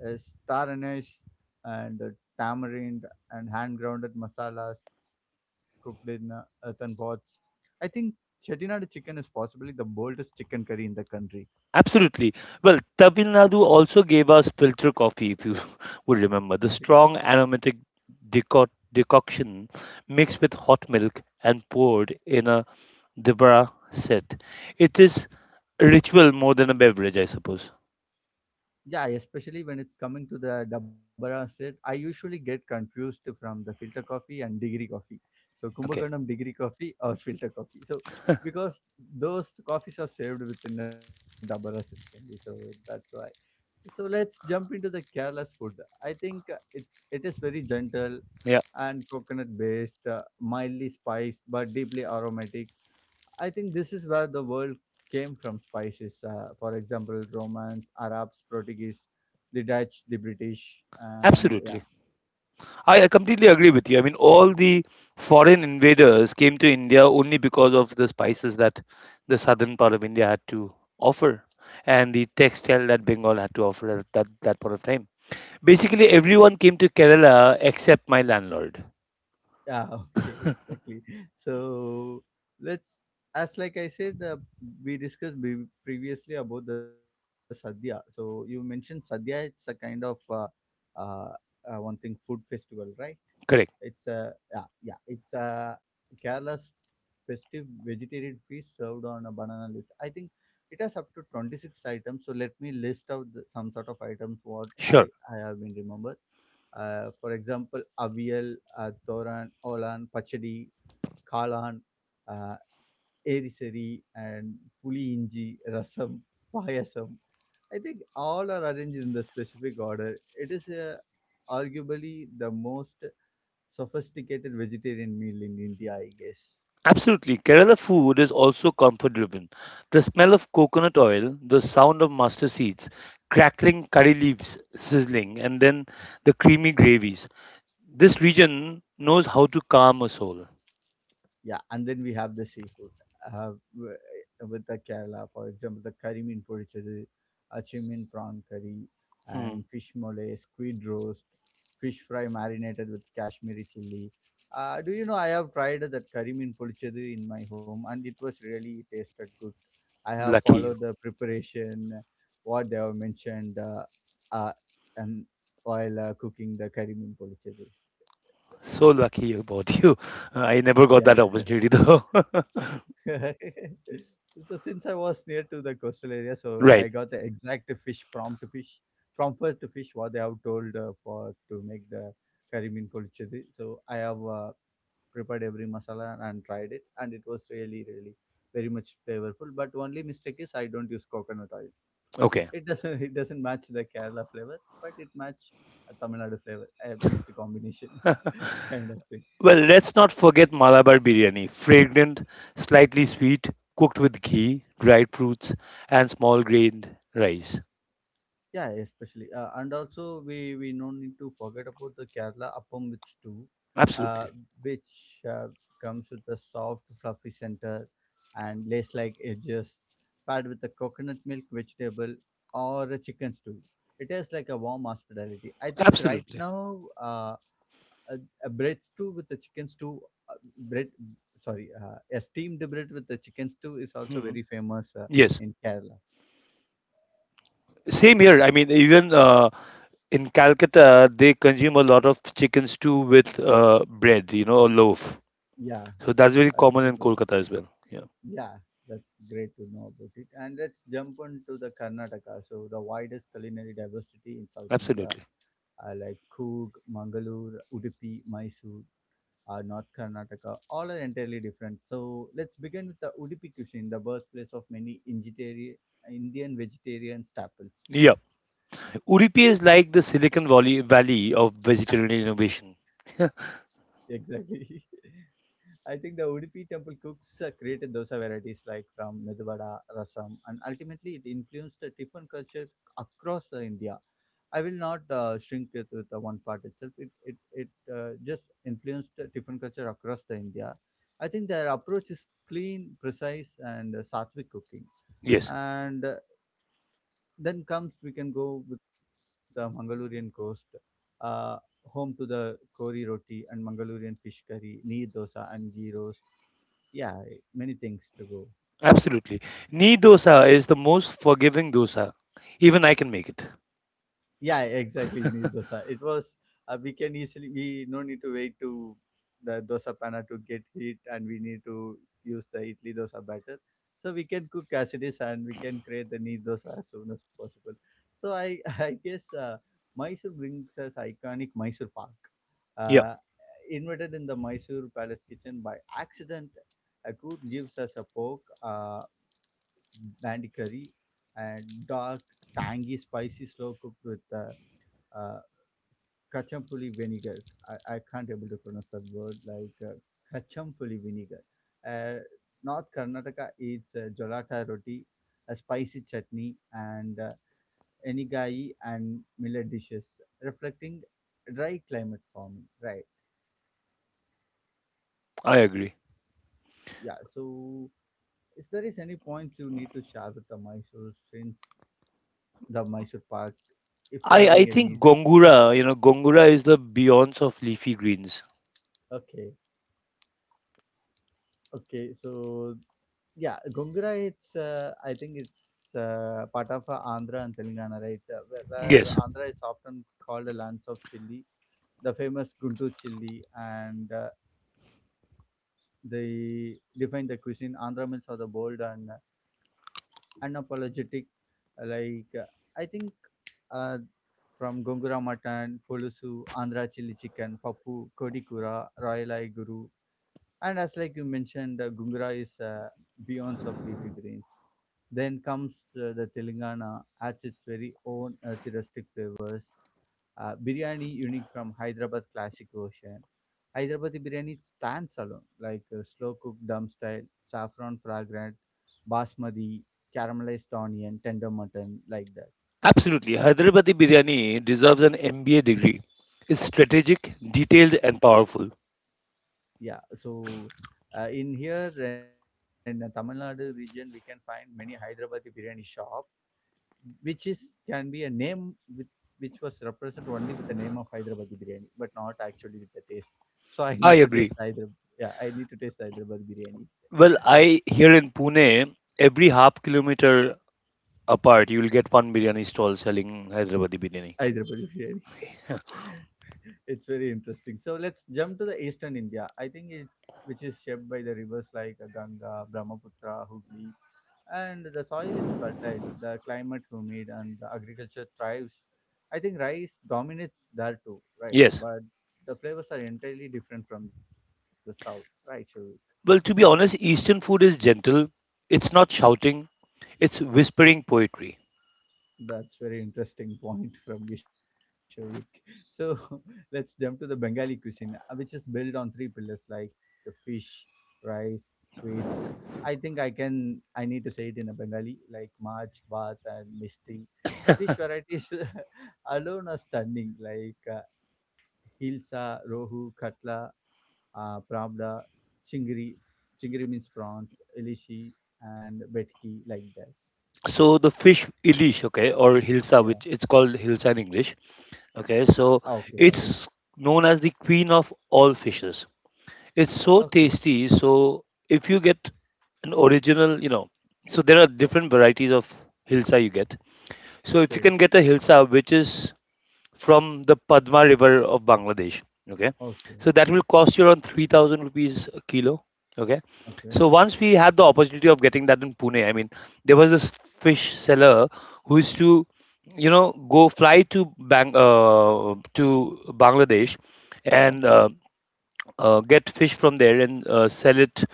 is star anise and tamarind and hand grounded masalas cooked in earthen pots. I think Chettinad chicken is possibly the boldest chicken curry in the country. Absolutely. Well, Tamil Nadu also gave us filter coffee, if you would remember. The strong aromatic decoction mixed with hot milk and poured in a Debra set. It is a ritual more than a beverage, I suppose. Yeah, especially when it's coming to the Dabara set, I usually get confused from the filter coffee and degree coffee. So Kumbakonam Okay. degree coffee or filter coffee. So because those coffees are served within the Dabara sets only, so that's why. So let's jump into the Kerala's food. I think it is very gentle Yeah, and coconut based, mildly spiced but deeply aromatic. I think this is where the world came from spices. For example, Romans, Arabs, Portuguese, the Dutch, the British, and yeah. absolutely. I completely agree with you. I mean, all the foreign invaders came to India only because of the spices that the southern part of India had to offer and the textile that Bengal had to offer at that point of time. Basically, everyone came to Kerala except my landlord. Yeah, okay, exactly. So let's, as like I said, we discussed previously about the sadhya. So you mentioned sadhya, it's a kind of uh, one thing food festival, right? Correct. It's a, yeah, yeah, it's a Kerala's festive vegetarian feast served on a banana leaves. I think it has up to 26 items. So let me list out some sort of items what I, Sure. I have been remember. For example, avial, thoran, olan, pachadi, kalan, uh, eriseri, and puli inji, rasam, payasam. I think all are arranged in the specific order. It is arguably the most sophisticated vegetarian meal in India, I guess. Absolutely. Kerala food is also comfort driven. The smell of coconut oil, the sound of mustard seeds, crackling curry leaves sizzling, and then the creamy gravies. This region knows how to calm a soul. Yeah, and then we have the seafood with the Kerala, for example, the curry mean porichadu, achimin prawn curry, Hmm. and fish mole, squid roast, fish fry marinated with Kashmiri chili. Do you know I have tried that curry mean porichadu in my home, and it was really tasted good. I have Lucky followed you. the preparation, what they have mentioned, uh, and while cooking the curry mean porichadu. So lucky about you. Yeah. I never got that opportunity though. So since I was near to the coastal area, so I got the Right. exact fish prompt to fish, prompt to fish what they have told for to make the curry mean polichedi. So I have prepared every masala and tried it, and it was really, really very much flavorful. But only mistake is I don't use coconut oil. Okay. It doesn't it doesn't match the Kerala flavor, but it match a Tamil Nadu flavor, a mixed combination Huh. kind of thing. Well, let's not forget Malabar biryani. Fragrant, slightly sweet, cooked with ghee, dried fruits, and small grained rice. Yeah, especially. And also, we no need to forget about the Kerala appam with stew, uh, Absolutely. which comes with a soft, fluffy center and lace like edges, paired with a coconut milk vegetable or a chicken stew. It is like a warm hospitality. I think right Absolutely. now, a, a bread stew with the chicken stew, uh, bread, a steamed bread with the chicken stew is also Mhm. very famous Yes. in Kerala. Same here. I mean, even in Calcutta, they consume a lot of chicken stew with bread, you know, a loaf. Yeah, So that's okay, very it. common in Kolkata as well. Yeah, Yeah, that's great to know about it. And let's jump on to the Karnataka. So the widest culinary diversity in South India, absolutely. Like Coorg, Mangalore, Udupi, Mysore, North Karnataka, all are entirely different. So let's begin with the Udupi cuisine, the birthplace of many vegetarian Indian vegetarian staples. Yeah, Udupi is like the Silicon Valley of vegetarian innovation. Exactly. I think the Udupi temple cooks created dosa varieties like from Meduvada, Rasam, and ultimately it influenced the tiffin culture across the India. I will not shrink it with the one part itself. It just influenced the Tiffin culture across the India. I think their approach is clean, precise, and sattvic cooking. Yes, And then comes we can go with the Mangalorean coast, uh, home to the kori roti and Mangalorean fish curry, neer dosa and ghee roast. Yeah, many things to go. absolutely. Knee dosa is the most forgiving dosa. Even I can make it. Yeah, exactly. Needs dosa. It was, we can easily, we no need to wait to the dosa panna to get heat, and we need to use the idli dosa batter. So we can cook as it is, and we can create the neat dosa as soon as possible. So I I guess Mysore brings us iconic Mysore Pak, Yeah, uh, invented in the Mysore Palace kitchen by accident. A cook gives us a pork, bandi curry, and dark tangy, spicy, slow cooked with uh, kachampuli vinegar. I can't able to pronounce that word like kachampuli vinegar. Uh, North Karnataka eats jolata roti, a spicy chutney, and enigai and millet dishes, reflecting dry climate farming. Right? I agree. Yeah. So, is there is any points you need to share with the Mysore since the Mysore Park, if you're I having think any? Gongura, you know, Gongura is the Beyonce of leafy greens. Okay. Okay, so yeah, Gongura. It's I think it's part of Andhra and Telangana, right? Where Yes, Andhra is often called the lands of chili, the famous Guntur chili, and they define the cuisine. Andhra meals are the bold and unapologetic. Like I think uh, from Gongura mutton, Pulusu, Andhra chili chicken, Pappu, Kodikura, Royal Eye Guru, and as like you mentioned, Gungra is beyond of leafy greens. Then comes the Telangana, adds its very own earthy flavors. Biryani unique from Hyderabad classic version. Hyderabadi biryani stands alone, like slow cooked dum style, saffron fragrant, basmati, caramelized onion, tender mutton, like that. absolutely. Hyderabadi biryani deserves an MBA degree. It's strategic, detailed, and powerful. Yeah, so in here in the Tamil Nadu region, we can find many Hyderabadi biryani shops. Which is can be a name with which was represented only with the name of Hyderabadi biryani, but not actually with the taste. So I need I to taste agree. Hyderabad. Yeah, I need to taste Hyderabad biryani. Well, I here in Pune, every half kilometer apart, you will get one biryani stall selling Hyderabadi biryani. Hyderabad biryani. It's very interesting. So let's jump to the eastern India. I think it's which is shaped by the rivers like Ganga, Brahmaputra, Hooghly, and the soil is fertile, the climate humid, and the agriculture thrives. I think rice dominates there too, right? Yes. But the flavors are entirely different from the south, right, Shavik? Well, to be honest, Eastern food is gentle. It's not shouting. It's whispering poetry. That's very interesting point from you, Shavik. So let's jump to the Bengali cuisine, which is built on three pillars like fish, rice, sweets. I think I need to say it in a Bengali like mach Bath, and Misti. The fish varieties alone are stunning. Like Hilsa, Rohu, Katla, Pravda, Chingri. Chingri means prawns, Ilishi, and Betki, like that. So the fish ilish, okay, or hilsa, Yeah. which it's called hilsa in English. Ah, okay, Okay, so sorry. it's known as the queen of all fishes. It's Okay, so tasty. So if you get an original, you know, so there are different varieties of hilsa you get. So if you okay, can get a hilsa, which is from the Padma River of Bangladesh, okay, okay, so that will cost you around 3,000 rupees a kilo, okay. okay, So once we had the opportunity of getting that in Pune. I mean, there was this fish seller who used to, you know, go fly to Bang to Bangladesh okay, and get fish from there and sell it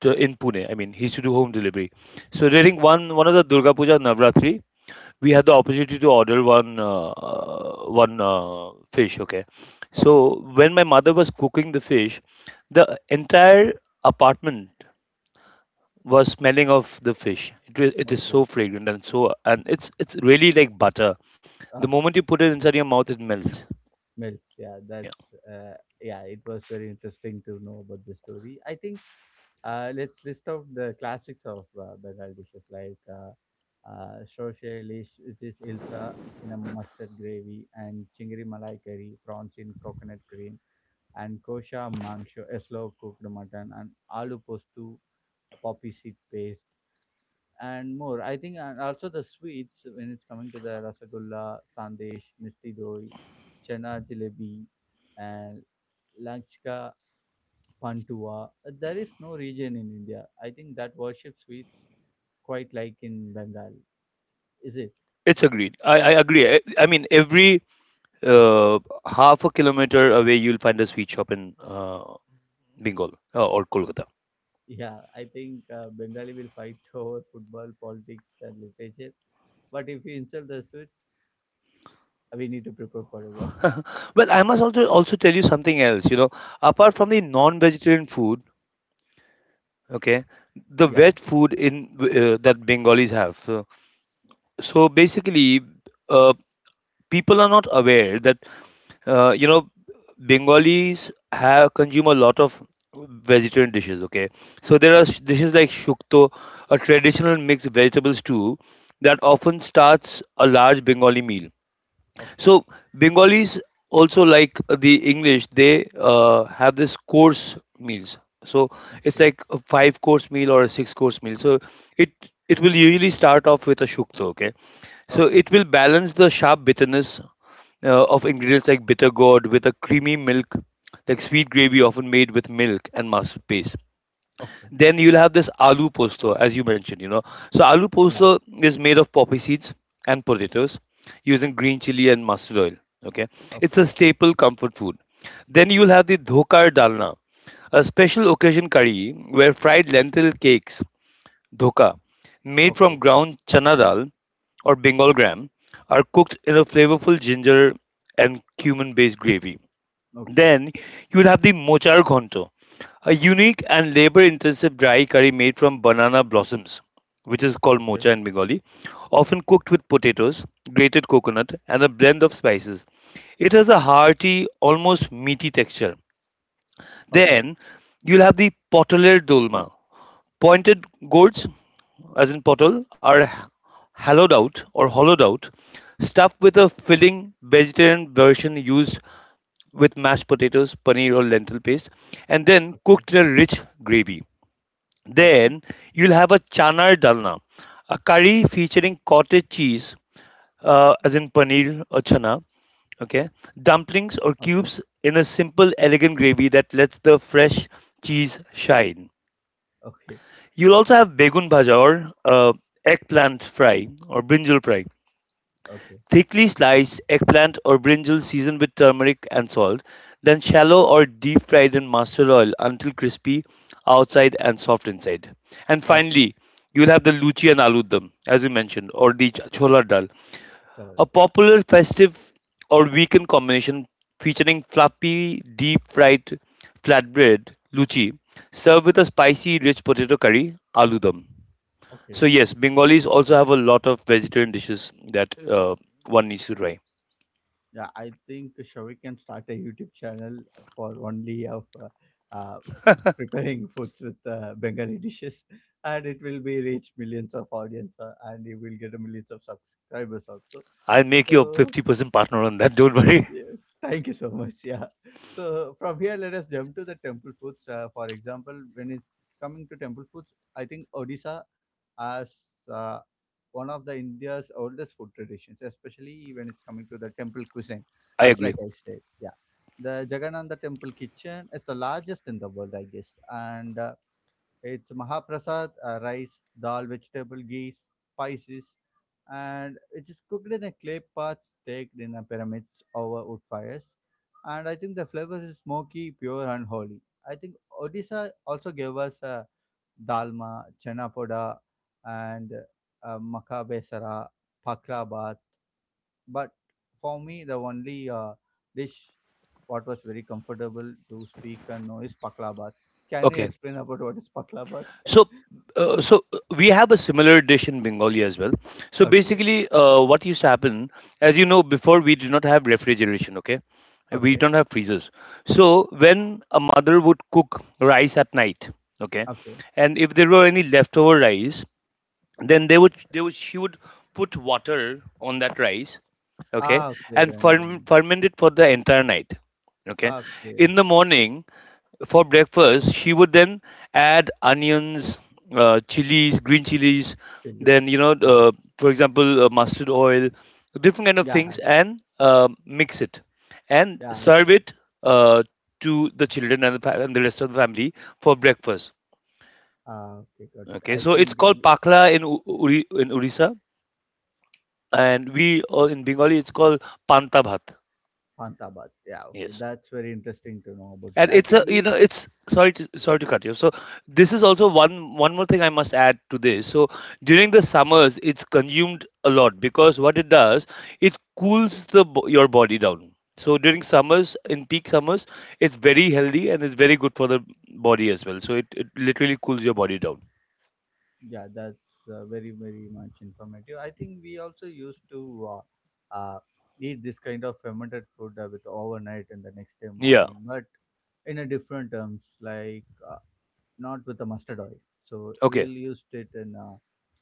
in Pune. I mean, he used to do home delivery. So during one of the Durga Puja Navratri, we had the opportunity to order one fish. Okay, so okay, when my mother was cooking the fish, the entire apartment was smelling of the fish. It is okay. so fragrant, and so and it's really like butter. The Ah. moment you put it inside your mouth, it melts. Mills. Yeah, Yeah, that's yeah. It was very interesting to know about the story. I think let's list out the classics of Bengal dishes like Shoshe lish, which is ilsa in a mustard gravy, and chingari malai curry, prawns in coconut cream, and kosha mangsho, a slow cooked mutton, and aloo postu, a poppy seed paste, and more. I think and also the sweets when it's coming to the rasagulla, sandesh, misti doi, chana jalebi, and lanchka pantua. There is no region in India. I think that worship sweets quite like in Bengal. Is it? it's agreed. I agree. I mean every uh, half a kilometer away you'll find a sweet shop in Bengal or Kolkata. Yeah, I think Bengali will fight over football, politics, and literature. But if you insult the sweets, we need to prepare for a war. Well, I must also tell you something else. You know, apart from the non-vegetarian food, okay, the Yeah. veg food in that Bengalis have. So, so basically, uh, people are not aware that you know Bengalis have consume a lot of vegetarian dishes. Okay, so there o- are dishes like shukto, a traditional mixed vegetable stew that often starts a large Bengali meal. Okay. So Bengalis also like the English, they have this course meals. So it's Okay. like a five course meal or a six course meal. So it it will usually start off with a shukta, okay? So Okay. it will balance the sharp bitterness of ingredients like bitter gourd with a creamy milk, like sweet gravy often made with milk and mustard paste. Okay. Then you'll have this aloo posto, as you mentioned, you know. So aloo Yeah. posto is made of poppy seeds and potatoes using green chili and mustard oil. Okay. It's a Okay. staple comfort food. Then you'll have the dhokar dalna, a special occasion curry where fried lentil cakes, dhoka, made from Okay. ground chana dal or Bengal gram, are cooked in a flavorful ginger and cumin based gravy. Okay. Then you will have the mochar ghonto, a unique and labor-intensive dry curry made from banana blossoms, which is called Okay, mocha in Bengali, often cooked with potatoes, grated coconut, and a blend of spices. It has a hearty, almost meaty texture. okay, Then you'll have the potoler dolma. Pointed gourds, as in potol, are hollowed out or hollowed out, stuffed with a filling vegetarian version used with mashed potatoes, paneer, or lentil paste, and then okay, cooked in a rich gravy. okay, Then you'll have a chanar dalna, a curry featuring cottage cheese, as in paneer or chana, okay, okay, dumplings or cubes in a simple, elegant gravy that lets the fresh cheese shine. okay, You'll also have begun bhaja or eggplant fry or brinjal fry. okay, Thickly sliced eggplant or brinjal seasoned with turmeric and salt, then shallow or deep fried in mustard oil until crispy outside and soft inside. And okay. finally, you'll have the luchi and aloo dum, as you mentioned, or the chola dal, Channel, a yeah, popular festive or weekend combination featuring fluffy deep fried flatbread luchi served with a spicy rich potato curry aloo dum. okay, So yes, Bengalis also have a lot of vegetarian dishes that one needs to try. yeah. I think Shavi can start a YouTube channel for only of uh, preparing foods with Bengali dishes, and it will be reach millions of audience, and you will get a millions of subscribers also. I'll make you a So 50% partner on that. Don't worry. yeah. Thank you so much. Yeah. So from here, let us jump to the temple foods. For example, when it's coming to temple foods, I think Odisha as uh, one of the India's oldest food traditions, especially when it's coming to the temple cuisine, I as agree. like I said. Yeah. The Jagannatha temple kitchen is the largest in the world, I guess. And it's mahaprasad, rice, dal, vegetable, ghee, spices, and it is cooked in a clay pot staked in a pyramids over wood fires. And I think the flavor is smoky, pure, and holy. I think Odisha also gave us a dalma, chana poda, and maka besara. But for me the only dish what was very comfortable to speak and know is bath. Can you Okay. explain about what is bath? So, so we have a similar dish in Bengali as well. So Okay. basically, what used to happen, as you know, before we did not have refrigeration. Okay, we Okay. don't have freezers. So when a mother would cook rice at night, okay, Okay. and if there were any leftover rice, then they would she would put water on that rice, okay, Ah, okay, and then. Ferment it for the entire night. Okay, Okay. in the morning for breakfast, she would then add onions, chilies, green Chilli. chilies, Yeah. then you know, for example, mustard oil, different kind of Yeah. things, and mix it and Yeah, got serve it. it uh, to the children and the rest of the family for breakfast. Ah, okay, got it, Okay, I so think. it's called pakla in in Orissa, and we in Bengali it's called panta bhat. Pantabat, yeah, okay, Yes. that's very interesting to know about it. And I it's a think you we, know it's sorry to cut you, so this is also one more thing I must add to this. So during the summers it's consumed a lot because what it does, it cools your body down. So during summers, in peak summers, it's very healthy and it's very good for the body as well. So it literally cools your body down. yeah, that's very very much informative. I think we also used to uh, eat this kind of fermented food with overnight and the next day Yeah. morning, but in a different terms, like, not with the mustard oil, so Okay. we'll used it in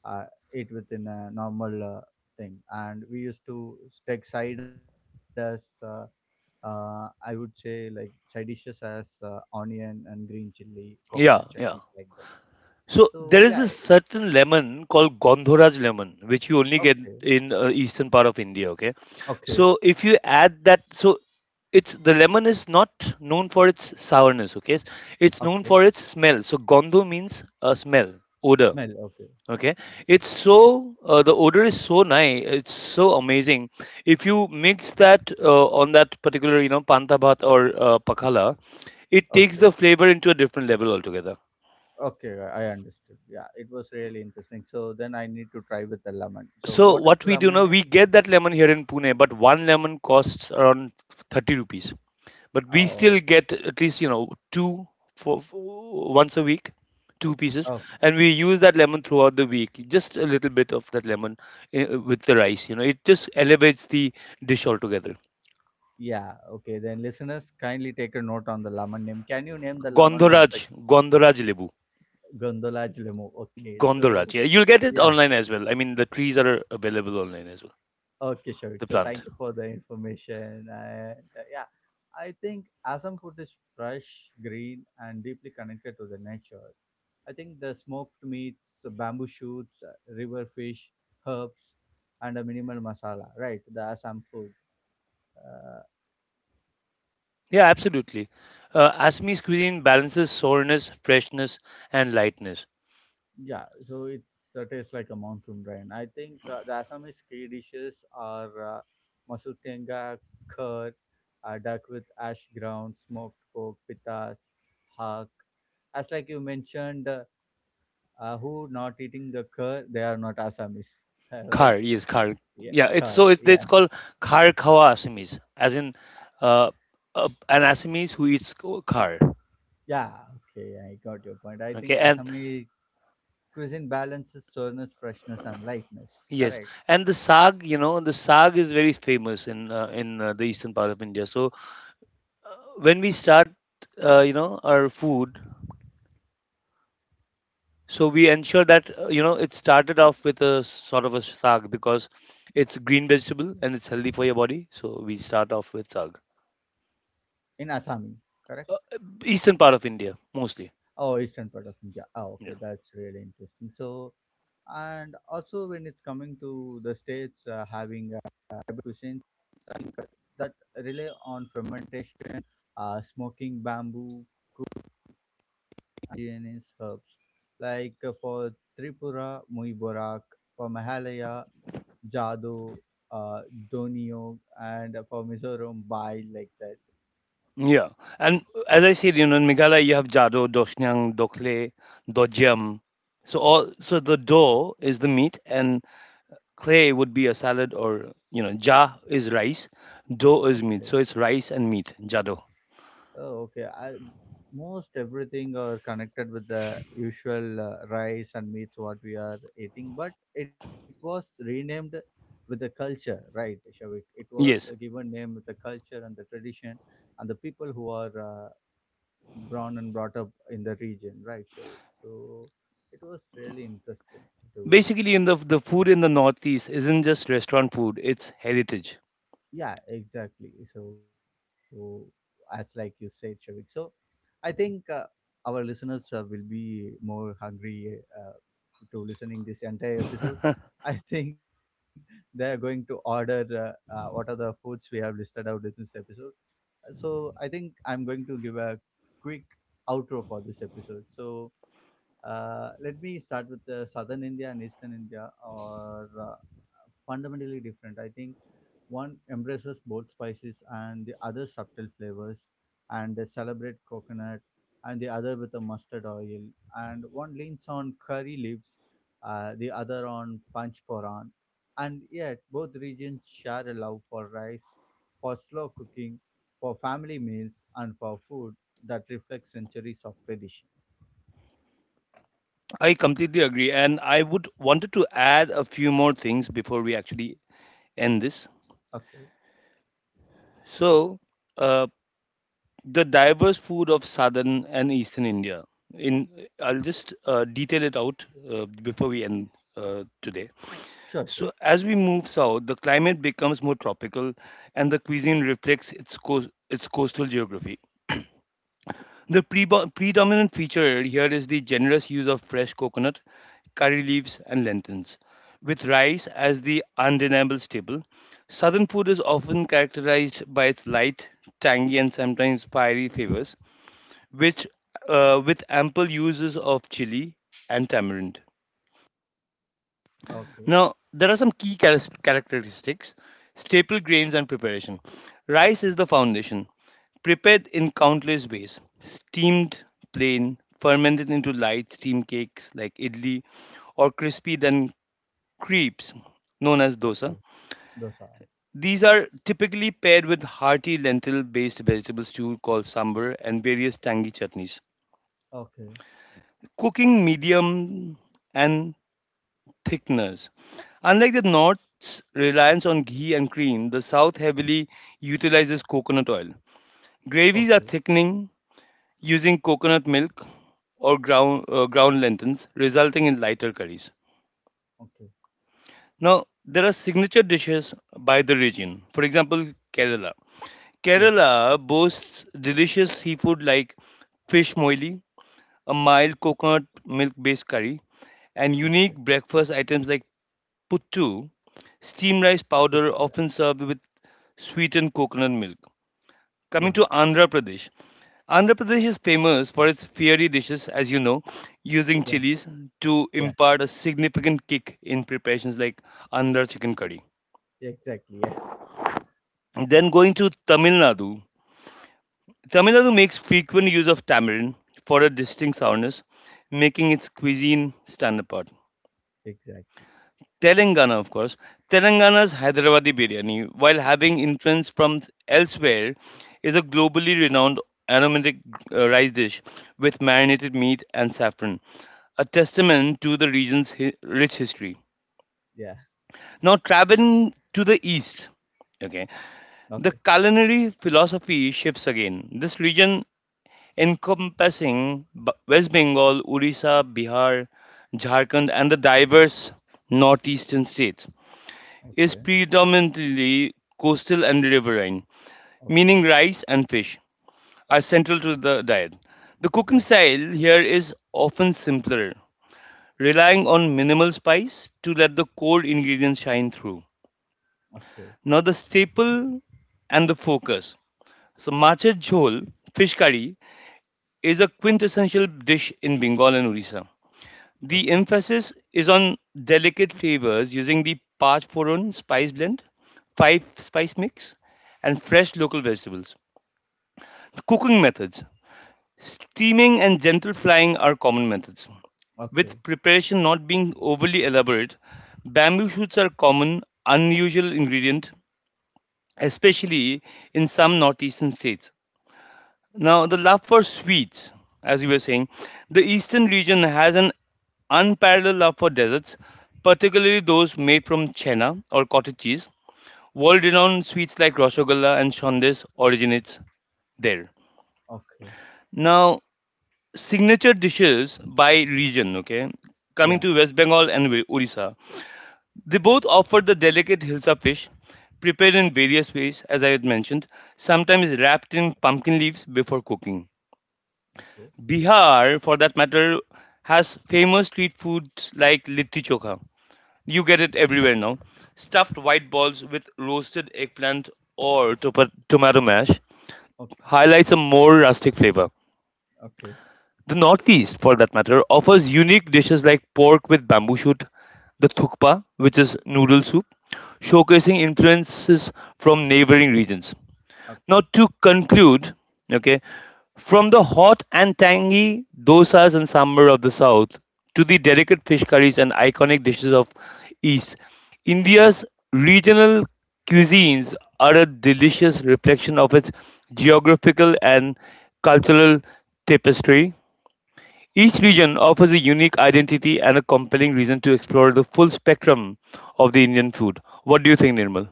uh, it within a normal thing, and we used to take side as I would say like side dishes as onion and green chili coconut Yeah, chutneys, yeah. like that. So So yeah, there is a it- certain lemon called Gondhoraj lemon, which you only get okay. in eastern part of India. Okay, Okay, so if you add that, so it's, the lemon is not known for its sourness, okay, it's known okay. for its smell. So gondo means a smell, odor. Smell, okay, Okay, it's so the odor is so nice, it's so amazing. If you mix that on that particular, you know, panta bhat or pakhala, it takes the okay, flavor into a different level altogether. okay. I understood. Yeah, it was really interesting. So then I need to try with the lemon. So So what is what the we do lemon now, name? we get that lemon here in Pune, but one lemon costs around 30 rupees. But we still Oh, get at least, you know, two, for once a week, two pieces, oh, and we use that lemon throughout the week. Just a little bit of that lemon with the rice, you know, it just elevates the dish altogether. yeah. Okay, then listeners, kindly take a note on the lemon name. Can you name the lemon once Gondoraj, again? Gondoraj lebu, Gondolaj Limo. Okay, Gondoraj. so Yeah, you'll get it yeah. online as well. I mean, the trees are available online as well, Okay, Shavik. the So plant. thank you for the information. And yeah, I think Assam food is fresh, green, and deeply connected to the nature. I think the smoked meats, bamboo shoots, river fish, herbs, and a minimal masala, right? The Assam food. Uh, Yeah, absolutely. Assamese cuisine balances sourness, freshness, and lightness. Yeah, so it's tastes like a monsoon rain. I think the Assamese key dishes are masur curd, duck with ash ground, smoked pork, pitas, hak. As like you mentioned, who not eating the curd, they are not Assamese, right? Khar, yes, khar. Yeah, Yeah, it's curd. so it's Yeah, called khar khawa Assamese, as in uh, an Assamese who eats khar. yeah. Okay, I got your point. I Okay, think and Assami cuisine balances sourness, freshness, and lightness. yes, Correct. and the sag, you know, the sag is very famous in the eastern part of India. So when we start, you know, our food, so we ensure that, you know, it started off with a sort of a sag because it's green vegetable and it's healthy for your body. So we start off with sag. In Assami, correct. Eastern part of India mostly. Oh, eastern part of India. Ah, okay, Yeah. that's really interesting. So, and also when it's coming to the states having tribal cuisines, I think that rely on fermentation, smoking bamboo, indigenous herbs. Like for Tripura, Mui Borak; for Meghalaya, Jado, uh, Doniog; and for Mizoram, Bai, like that. Yeah. And as I said, you know, in Meghalaya you have Jado, Doshnyang, Dokle, Dojiam. So all, so the do is the meat, and clay would be a salad, or you know, ja is rice, do is meat. Okay. So it's rice and meat, jado. Oh, okay. I most everything are connected with the usual rice and meats what we are eating, but it was renamed with the culture, right, Shavik? It was a Yes. given name with the culture and the tradition and the people who are born and brought up in the region, right, Shavik? So it was really interesting to, Basically, in the food in the Northeast isn't just restaurant food; it's heritage. yeah, exactly. So as like you said, Shavik, so I think our listeners will be more hungry to listening this entire episode. I think they are going to order what are the foods we have listed out in this episode. So I think I'm going to give a quick outro for this episode. So let me start with southern India and eastern India are fundamentally different. I think one embraces both spices and the other subtle flavors, and they celebrate coconut, and the other with a mustard oil. And one leans on curry leaves, the other on panch. And yet, both regions share a love for rice, for slow cooking, for family meals, and for food that reflects centuries of tradition. I completely agree, and I would wanted to add a few more things before we actually end this. Okay. So, uh, the diverse food of southern and eastern India. In I'll just detail it out before we end today. Sure, sure. So, as we move south, the climate becomes more tropical, and the cuisine reflects its coastal geography. The predominant feature here is the generous use of fresh coconut, curry leaves, and lentils. With rice as the undeniable staple, southern food is often characterized by its light, tangy, and sometimes fiery flavors, which, with ample uses of chili and tamarind. Okay. Now, there are some key characteristics, staple grains, and preparation. Rice is the foundation, prepared in countless ways: steamed, plain, fermented into light steam cakes like idli, or crispy, then crepes, known as dosa. Okay. Dosa. These are typically paired with hearty lentil based vegetable stew called sambar and various tangy chutneys. Okay, Cooking medium and thickeners. Unlike the North's reliance on ghee and cream, the South heavily utilizes coconut oil. Gravies okay, are thickening using coconut milk or ground lentils, resulting in lighter curries. okay. Now, there are signature dishes by the region. For example, Kerala. Yes. Kerala boasts delicious seafood like fish moili, a mild coconut milk based curry, and unique Okay. breakfast items like Put two, steam Puttu. rice Yeah. powder often served with sweetened coconut milk. Yeah. Coming to Andhra Pradesh, Andhra Pradesh is famous for its fiery dishes, as you know, using Yeah. chilies to Yeah. impart a significant kick in preparations like Andhra chicken curry. Exactly. Yeah. Then going to Tamil Nadu, Tamil Nadu makes frequent use of tamarind for a distinct sourness, making its cuisine stand apart. Exactly. Telangana, of course. Telangana's Hyderabadi biryani, while having influence from elsewhere, is a globally renowned aromatic rice dish with marinated meat and saffron, a testament to the region's rich history. Yeah. Now, traveling to the east, okay, the Okay. culinary philosophy shifts again. This region, encompassing West Bengal, Orissa, Bihar, Jharkhand, and the diverse northeastern states, is Okay, predominantly coastal and riverine, meaning okay, rice and fish are okay, central to the diet. The cooking yeah, style here is often simpler, relying on minimal spice to let the core ingredients shine through. okay, Now, the staple and the focus. So, matcha jhol, fish curry, is a quintessential dish in Bengal and Orissa. The okay, emphasis is on delicate flavors using the Parchforon spice blend, five spice mix, and fresh local vegetables. Cooking methods: steaming and gentle frying are common methods. okay, With preparation not being overly elaborate, bamboo shoots are common, unusual ingredient, especially in some northeastern states. Now, the love for sweets, as you were saying, the eastern region has an unparalleled love for desserts, particularly those made from chena or cottage cheese. World-renowned sweets like Roshgolla and Shondes originates there. okay, Now, signature dishes by region, okay? Coming yeah, to West Bengal and Odisha, they both offer the delicate hilsa fish prepared in various ways, as I had mentioned, sometimes wrapped in pumpkin leaves before cooking. okay, Bihar, for that matter, has famous street foods like litti chokha. You get it everywhere now. Stuffed white balls with roasted eggplant or tomato mash okay, highlights a more rustic flavor. okay, The Northeast, for that matter, offers unique dishes like pork with bamboo shoot, the thukpa, which is noodle soup, showcasing influences from neighboring regions. okay. Now, to conclude, okay, from the hot and tangy dosas and sambar of the south to the delicate fish curries and iconic dishes of east, India's regional cuisines are a delicious reflection of its geographical and cultural tapestry. Each region offers a unique identity and a compelling reason to explore the full spectrum of the Indian food. What do you think, Nirmal?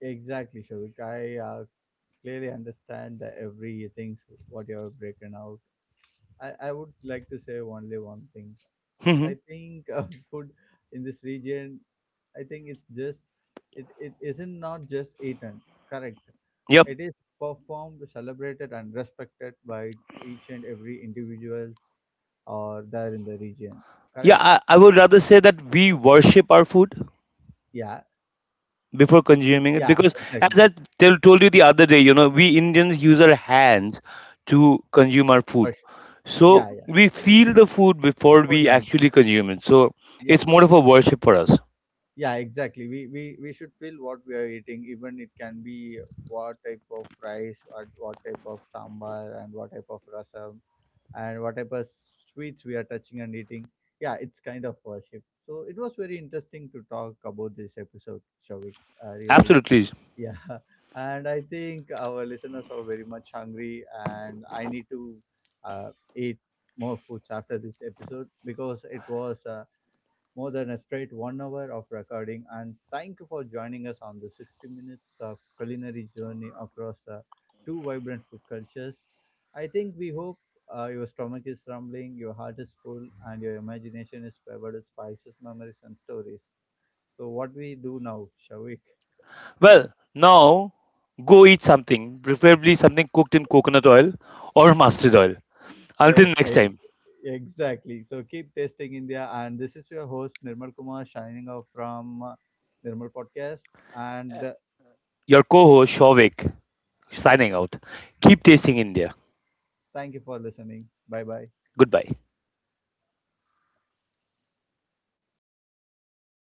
Exactly, Shavik. I clearly understand that everything's what you have broken out. I would like to say only one thing. I think food in this region, I think it's just it isn't not just eaten. Correct. Yep. It is performed, celebrated, and respected by each and every individuals or there in the region. Yeah, Correct. I would rather say that we worship our food Yeah. Yeah. before consuming it Exactly. because, as told you the other day, you know, we Indians use our hands to consume our For sure. food. Yeah. So Yeah. we feel the food before Food we and actually consume it. So it's yeah. more of a worship for us. Yeah, exactly. We should feel what we are eating. Even it can be what type of rice, what type of sambar, and what type of rasam, and what type of sweets we are touching and eating. Yeah, it's kind of worship. So it was very interesting to talk about this episode, Shavik. Really, Absolutely. yeah. And I think our listeners are very much hungry, and I need to uh, eat more foods after this episode, because it was more than a straight 1 hour of recording. And thank you for joining us on the 60 minutes of culinary journey across two vibrant food cultures. I think we hope your stomach is rumbling, your heart is full, and your imagination is flavored with spices, memories, and stories. So, what we do now, Shavik? Well, now go eat something, preferably something cooked in coconut oil or mustard oil. Until Yes, next time, eg- exactly. So, keep tasting India. And this is your host, Nirmal Kumar, shining off from Nirmal Podcast. And your co host Shovik signing out. Keep tasting India. thank you for listening. Bye bye. Goodbye.